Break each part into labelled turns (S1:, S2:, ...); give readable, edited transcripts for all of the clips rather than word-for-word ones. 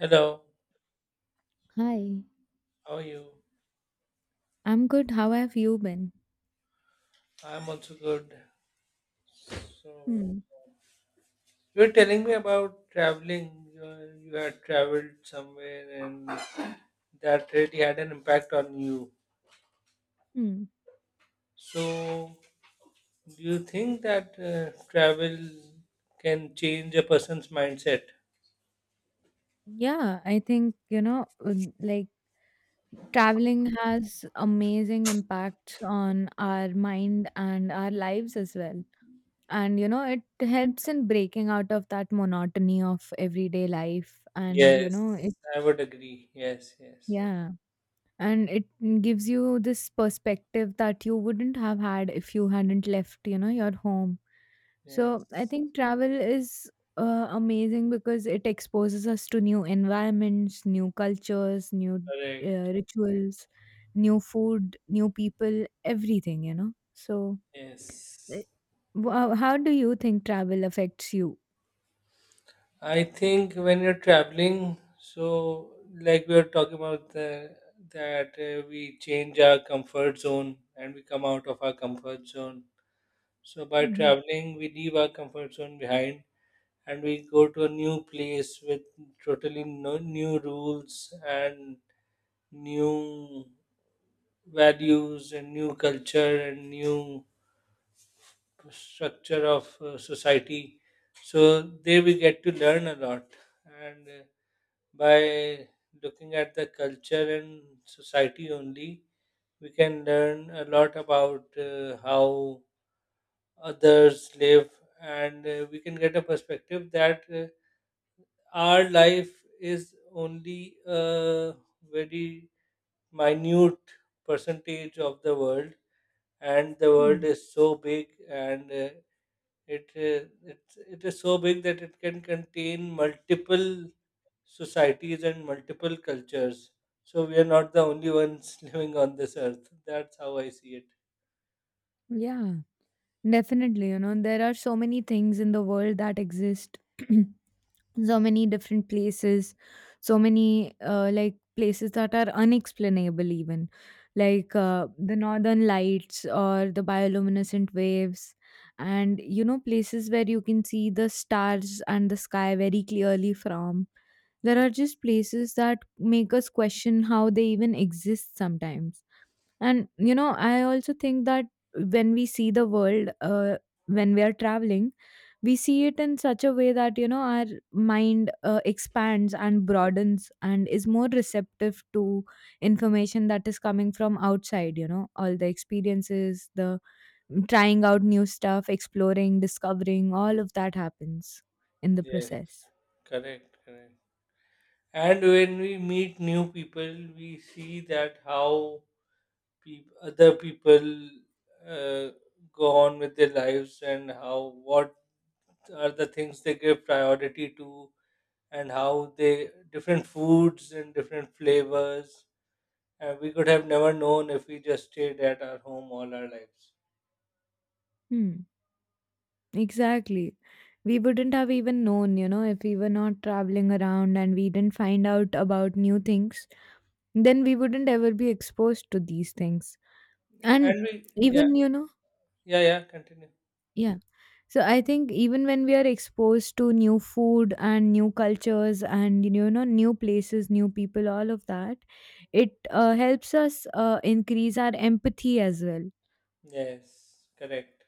S1: Hello,
S2: Hi,
S1: how are you?
S2: I'm good. How have you been?
S1: I'm also good. So,
S2: Hmm.
S1: you were telling me about traveling. You, know, you had traveled somewhere and that really had an impact on you.
S2: Hmm.
S1: So, do you think that travel can change a person's mindset?
S2: Yeah, I think, like traveling has amazing impacts on our mind and our lives as well. And, it helps in breaking out of that monotony of everyday life. And, you know, it,
S1: Yes, I would agree. Yes, yes,
S2: Yeah. And it gives you this perspective that you wouldn't have had if you hadn't left, your home. So I
S1: yes.
S2: think travel is amazing because it exposes us to new environments, new cultures, new uh,
S1: Correct.
S2: rituals, new food, new people, everything. So eh,
S1: Yes.
S2: how do you think travel affects you?
S1: I think when you're traveling, so like we were talking about the, that we change our comfort zone and we come out of our comfort zone. So by
S2: Mhm.
S1: traveling, we leave our comfort zone behind and we go to a new place with totally no, new rules and new values and new culture and new structure of society. So there we get to learn a lot and by looking at the culture and society only, we can learn a lot about how others live, and we can get a perspective that our life is only a very minute percentage of the world, and the world
S2: Hmm.
S1: is so big and uh, It is it it is so big that it can contain multiple societies and multiple cultures. So we are not the only ones living on this earth. That's how I see it.
S2: Yeah, definitely. There are so many things in the world that exist so many different places, so many like places that are unexplainable even, like the northern lights or the bioluminescent waves. And places where you can see the stars and the sky very clearly from. There are
S1: Yes,
S2: just places that make us question how they even exist sometimes. And I also think that when we see the world uh, when we are traveling, we see it in such a way that our mind expands and broadens and is more receptive to information that is coming from outside. All the experiences, the trying out new stuff, exploring, discovering, all of that happens in the
S1: yes,
S2: process.
S1: correct, correct. And when we meet new people, we see that how other people uh, go on with their lives and how what are the things they give priority to and how they different foods and different flavors and we could have never known if we just stayed at our home all our lives
S2: Hmm. Exactly, we wouldn't have even known if we were not traveling around and we didn't find out about new things, then we wouldn't ever be exposed to these things. And
S1: and we yeah,
S2: even you know
S1: yeah, yeah, continue.
S2: Yeah. So I think even when we are exposed to new food and new cultures and new places, new people, all of that, it helps us increase our empathy as well.
S1: Yes, correct.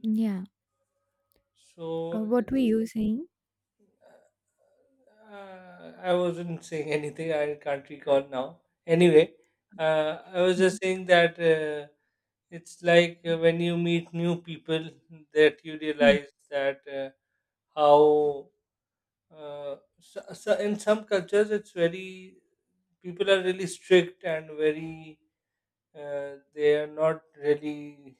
S2: Yeah.
S1: So
S2: What were
S1: it's
S2: you saying?
S1: I wasn't saying anything, I can't recall now anyway. I was just
S2: Mhm.
S1: saying that it's like when you meet new people that you realize that how So in some cultures, it's very, people are really strict and very, they are not really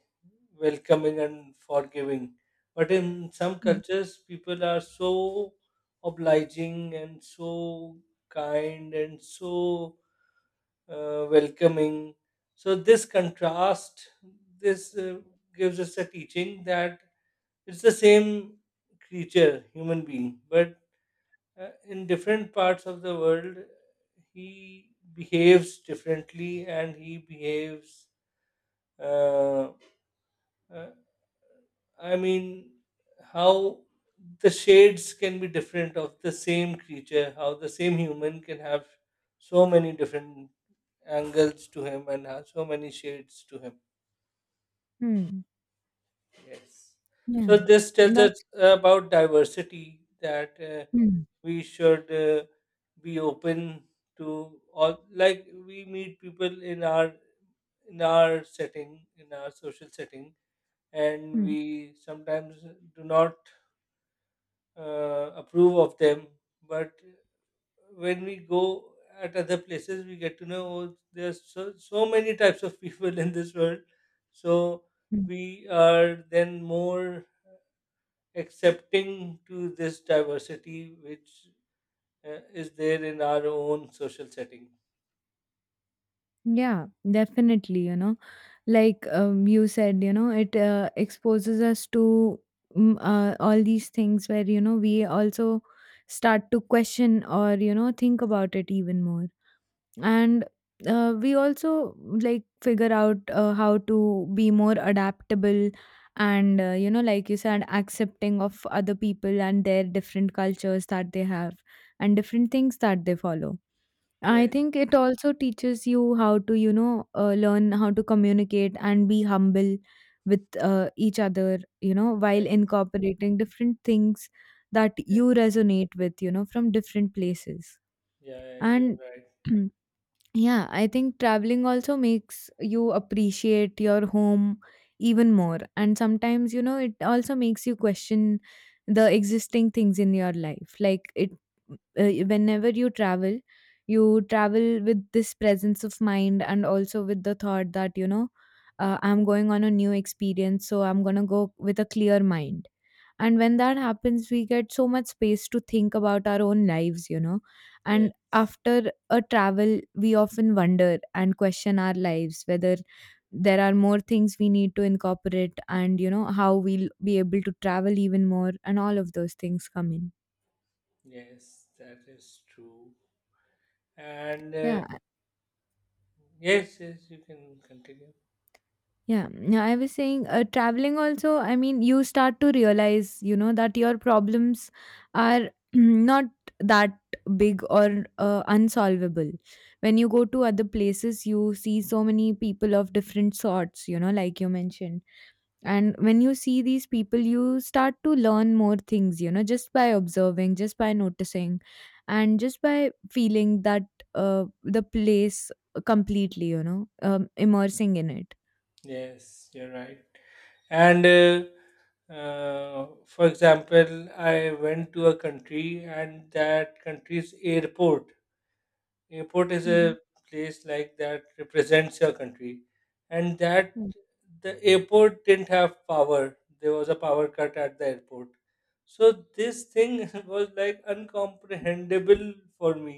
S1: welcoming and forgiving. But in some
S2: Hmm.
S1: cultures, people are so obliging and so kind and so welcoming. So this contrast, this gives us a teaching that it's the same creature, human being, but in different parts of the world, he behaves differently and he behaves. Uh, uh, I mean, how the shades can be different of the same creature, how the same human can have so many different angles to him and have so many shades to him.
S2: Hmm.
S1: Yes.
S2: Yeah.
S1: So, this tells us
S2: That's.
S1: about diversity. That
S2: Hmm.
S1: we should be open to all, like we meet people in our, in our setting, in our social setting, and
S2: Hmm.
S1: we sometimes do not approve of them, but when we go at other places we get to know, oh, there's so, so many types of people in this world, so we are then more accepting to this diversity which is there in our own social setting.
S2: Yeah, definitely. Like you said, it exposes us to all these things where, we also start to question or, think about it even more. And we also, like, figure out how to be more adaptable and, like you said, accepting of other people and their different cultures that they have and different things that they follow. I
S1: Yes,
S2: think it also teaches you how to, learn how to communicate and be humble with each other, while
S1: yes,
S2: incorporating different things that you
S1: yes.
S2: resonate with, from different places.
S1: Yeah, you're
S2: And
S1: right.
S2: yeah, I think traveling also makes you appreciate your home even more. And sometimes, it also makes you question the existing things in your life. Like, it whenever you travel with this presence of mind and also with the thought that, I'm going on a new experience, so I'm going to go with a clear mind. And when that happens, we get so much space to think about our own lives.
S1: Yeah,
S2: And after a travel, we often wonder and question our lives whether there are more things we need to incorporate and, how we'll be able to travel even more, and all of those things come in.
S1: yes, that is true. And
S2: Yeah,
S1: yes, yes, you can continue.
S2: yeah, yeah, I was saying, traveling also, I mean, you start to realize, that your problems are not that big or unsolvable. When you go to other places, you see so many people of different sorts, like you mentioned. And when you see these people, you start to learn more things, just by observing, just by noticing, and just by feeling that the place completely, immersing in it.
S1: Yes, you're right. And for example, I went to a country, and that country's airport, is a
S2: Mm-hmm.
S1: place like that represents your country, and that the airport didn't have power, there was a power cut at the airport. So this thing was like uncomprehendable for me,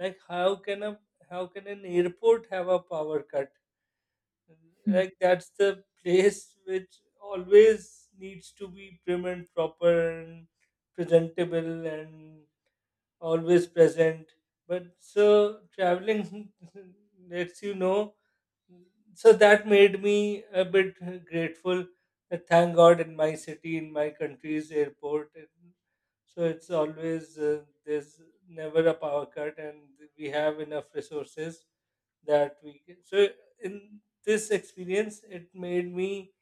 S1: like how can a, how can an airport have a power cut?
S2: Mhm.
S1: Like that's the place which always needs to be prim and proper and presentable and always present. But so traveling lets you know. So that made me a bit grateful that thank God in my city, in my country's airport. And so it's always, there's never a power cut and we have enough resources that we can. So in this experience, it made me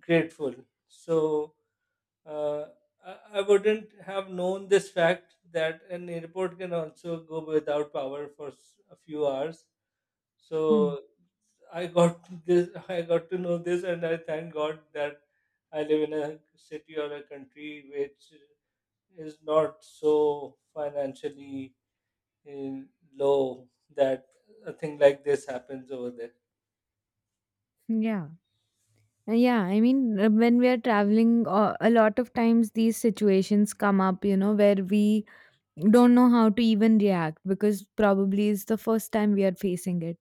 S1: grateful. So uh, I wouldn't have known this fact that an airport can also go without power for a few hours.
S2: Mhm.
S1: So I got this. I got to know this, and I thank God that I live in a city or a country which is not so financially eh, low that a thing like this happens over there.
S2: Yeah. Yeah. I mean, when we are traveling, a lot of times these situations come up, where we don't know how to even react because probably it's the first time we are facing it.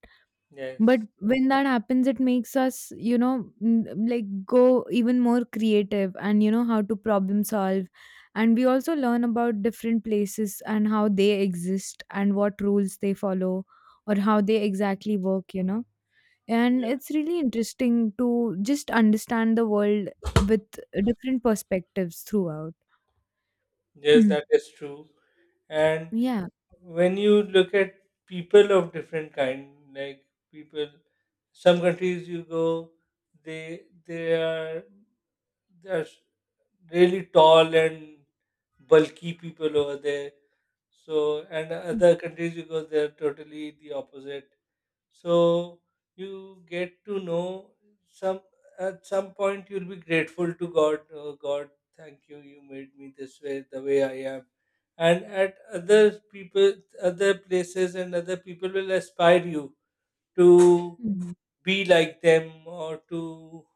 S2: But
S1: Yes.
S2: when that happens, it makes us, like, go even more creative and, how to problem solve. And we also learn about different places and how they exist and what rules they follow or how they exactly work. And
S1: Yeah.
S2: it's really interesting to just understand the world with different perspectives throughout.
S1: Yes,
S2: Mm.
S1: that is true. And
S2: Yeah.
S1: when you look at people of different kind, like people, some countries you go, they are, they are really tall and bulky people over there, so, and
S2: Mm.
S1: other countries you go they're totally the opposite. So you get to know some, at some point you'll be grateful to God. Oh God, thank you. You made me this way, the way I am. And at other people, other places, and other people will aspire you to
S2: Hmm.
S1: be like them, or to,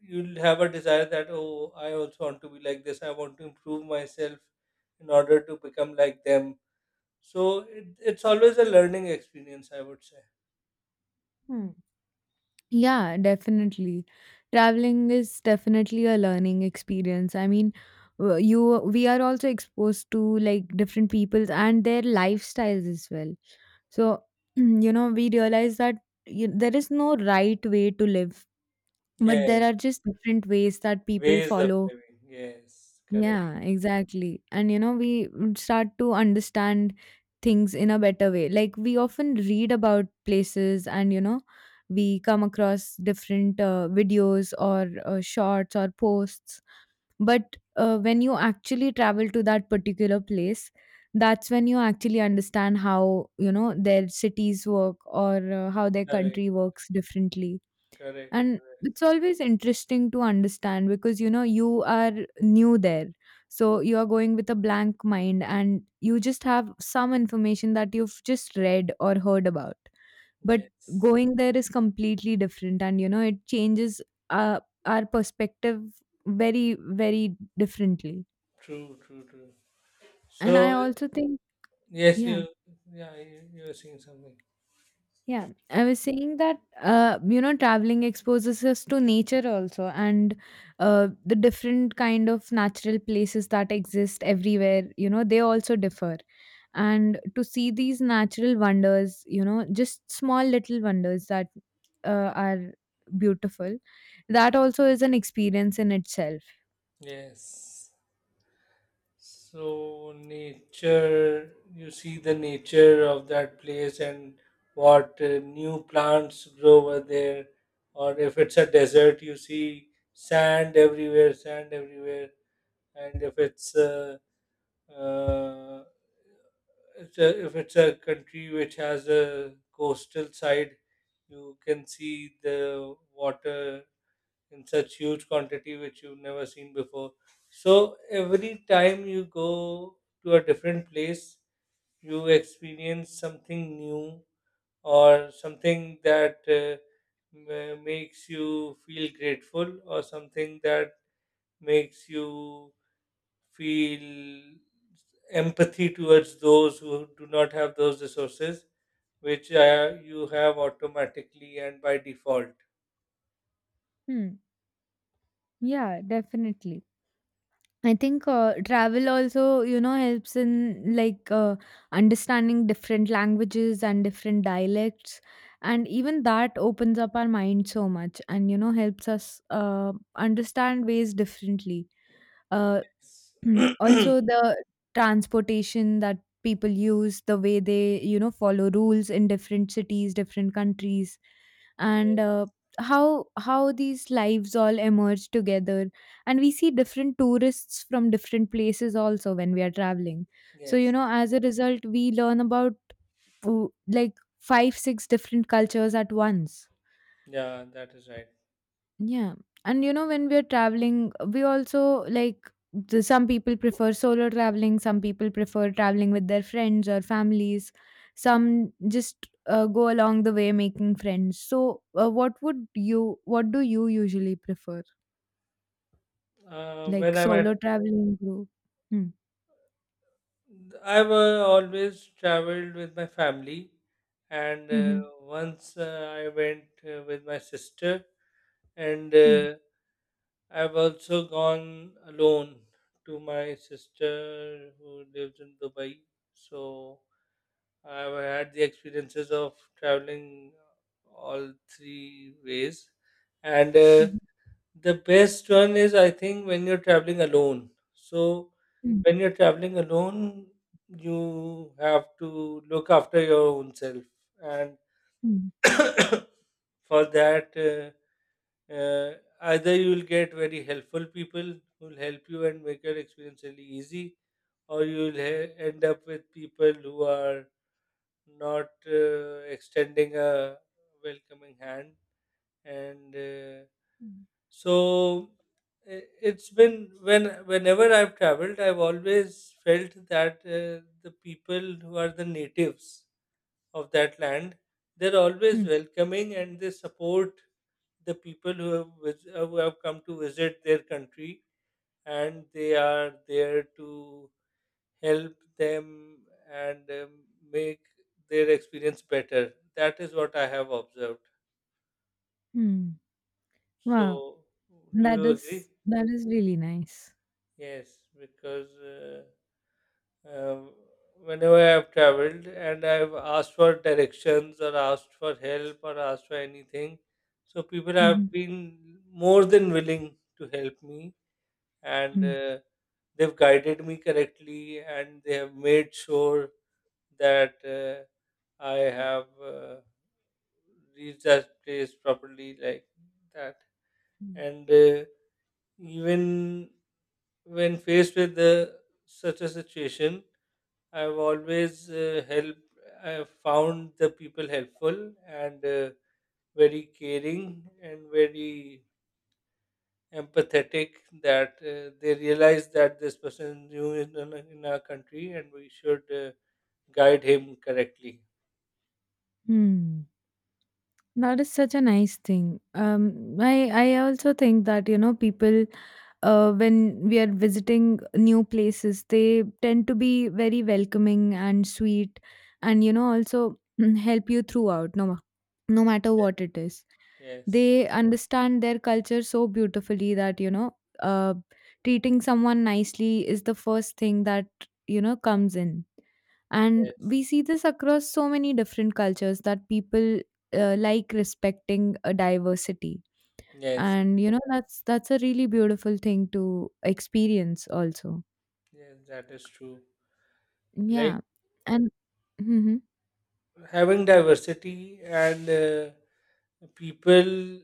S1: you'll have a desire that oh, I also want to be like this, I want to improve myself in order to become like them. So it's always a learning experience, I would say.
S2: Hmm. Yeah, definitely. Traveling is definitely a learning experience. I mean, w- you we are also exposed to, like, different peoples and their lifestyles as well. So, we realize there is no right way to live, but there
S1: Yes.
S2: are just different ways that people
S1: Ways of
S2: follow.
S1: living. Yes, correct,
S2: Yeah, exactly. And we start to understand things in a better way. Like, we often read about places, and we come across different videos or shorts or posts. But when you actually travel to that particular place, that's when you actually understand how, their cities work, or how their
S1: correct,
S2: country works differently.
S1: correct,
S2: And
S1: correct.
S2: it's always interesting to understand because, you are new there. So you are going with a blank mind, and you just have some information that you've just read or heard about. But
S1: Yes,
S2: going there is completely different, and it changes uh, our perspective very, very differently.
S1: true, true, true.
S2: And I
S1: So
S2: also think.
S1: yes,
S2: Yeah.
S1: you, yeah, you were saying something.
S2: Yeah, I was saying that, traveling exposes us to nature also, and the different kind of natural places that exist everywhere. They also differ, and to see these natural wonders, just small little wonders that are beautiful. That also is an experience in itself.
S1: Yes. So nature, you see the nature of that place and what new plants grow over there, or if it's a desert, you see sand everywhere, and if it's Uh, if it's a country which has a coastal side, you can see the water in such huge quantity which you've never seen before. So every time you go to a different place, you experience something new or something that makes you feel grateful or something that makes you feel empathy towards those who do not have those resources, which you have automatically and by default.
S2: Hmm. Yeah, definitely. I think travel also, helps in, like, understanding different languages and different dialects. And even that opens up our mind so much and, helps us understand ways differently. Uh,
S1: Yes.
S2: Mhm.
S1: Yeah.
S2: Also, the transportation that people use, the way they, follow rules in different cities, different countries, and how these lives all emerge together. And we see different tourists from different places also when we are traveling. So,
S1: Yes.
S2: as a result, we learn about, oh, like, five, six different cultures at once.
S1: Yeah, that is right.
S2: Yeah. And when we're traveling, we also like the, some people prefer solo traveling, some people prefer traveling with their friends or families, some just go along the way making friends. So, what do you usually prefer?
S1: When
S2: Like
S1: I'm at,
S2: solo traveling group? Hmm.
S1: I've always traveled with my family, and uh,
S2: Mm-hmm.
S1: once uh, I went with my sister, and
S2: Hmm.
S1: I've also gone alone to my sister who lives in Dubai. So I've had the experiences of traveling all three ways. And
S2: Mhm.
S1: the best one is, I think, when you're traveling alone. So
S2: Hmm.
S1: when you're traveling alone, you have to look after your own self. And
S2: Hmm.
S1: for that, uh, either you will get very helpful people who will help you and make your experience really easy, or you will end up with people who are not extending a welcoming hand. And
S2: Hmm.
S1: so it's been when, whenever I've traveled, I've always felt that the people who are the natives of that land, they're always
S2: Hmm.
S1: welcoming and they support the people who have, who have come to visit their country, and they are there to help them and make their experience better. That is what I have observed.
S2: Hmm. Wow.
S1: So, do you agree?
S2: That is really nice.
S1: Yes, because Um, whenever I have traveled and I've asked for directions or asked for help or asked for anything, so people have
S2: Mm-hmm.
S1: been more than willing to help me, and
S2: Hmm.
S1: they've guided me correctly and they have made sure that I have reached that place properly, like that.
S2: Hmm.
S1: And even when faced with such a situation, I've always helped. I've found the people helpful and very caring and very empathetic. That they realize that this person is new in our country and we should guide him correctly.
S2: Hmm. That is such a nice thing. I also think that, people, when we are visiting new places, they tend to be very welcoming and sweet, and also help you throughout, no matter
S1: Ye-
S2: what it is.
S1: Yes,
S2: They understand their culture so beautifully that, treating someone nicely is the first thing that comes in, and
S1: yes,
S2: we see this across so many different cultures, that people like respecting a diversity.
S1: yes,
S2: And that's a really beautiful thing to experience also.
S1: yes. That is true. Like
S2: Yeah. And mm-hmm.
S1: having diversity and people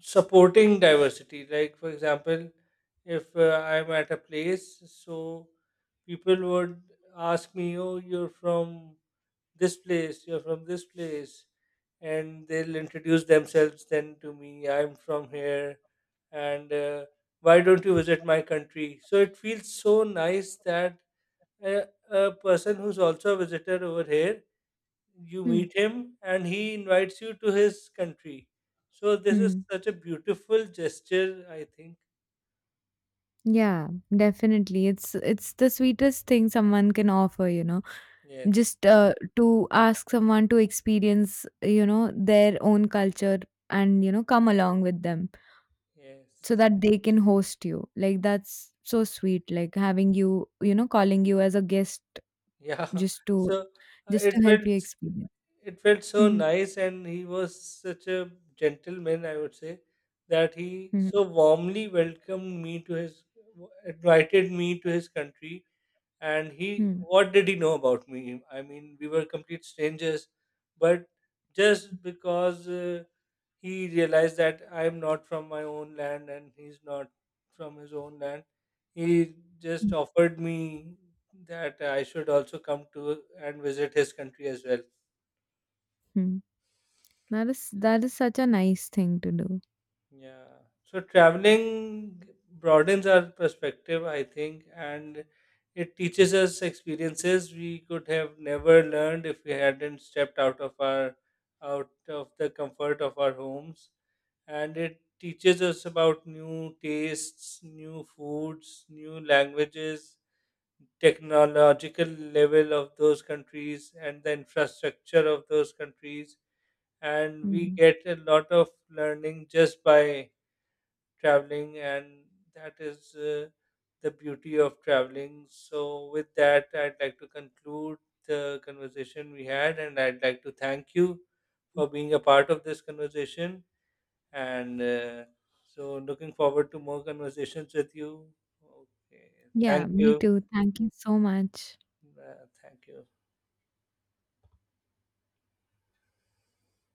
S1: supporting diversity. Like, for example, if I'm at a place, so people would ask me, oh, you're from this place, you're from this place. And they'll introduce themselves then to me, I'm from here. And why don't you visit my country? So it feels so nice that a person who's also a visitor over here, you
S2: Hmm.
S1: meet him and he invites you to his country. So this is
S2: Hmm.
S1: such a beautiful gesture, I think.
S2: Yeah, definitely, it's the sweetest thing someone can offer.
S1: Yes,
S2: Just to ask someone to experience, their own culture, and come along with them, so
S1: yes,
S2: that they can host you. Like, that's so sweet, like having you, you know calling you as a guest,
S1: yeah.
S2: just to
S1: So uh,
S2: just
S1: it
S2: to
S1: felt
S2: help you
S1: s-
S2: experience.
S1: it felt so
S2: Mhm.
S1: nice, and he was such a gentleman, I would say, that he
S2: Mhm.
S1: so warmly welcomed me to his, invited me to his country. And he,
S2: Mhm.
S1: what did he know about me? I mean, we were complete strangers, but just because. He realized that I am not from my own land and he's not from his own land. He just
S2: Mm.
S1: offered me that I should also come to and visit his country as well.
S2: Mhm. That is, that is such a nice thing to do.
S1: Yeah. So traveling broadens our perspective, I think, and it teaches us experiences we could have never learned if we hadn't stepped out of our, out of the comfort of our homes. And it teaches us about new tastes, new foods, new languages, technological level of those countries and the infrastructure of those countries. And we
S2: Mm.
S1: get a lot of learning just by traveling, and that is the beauty of traveling. So with that, I'd like to conclude the conversation we had, and I'd like to thank you for being a part of this conversation. And so looking forward to more conversations with you. Okay, thank
S2: Yeah, me
S1: you.
S2: too. Thank you so much.
S1: Thank you.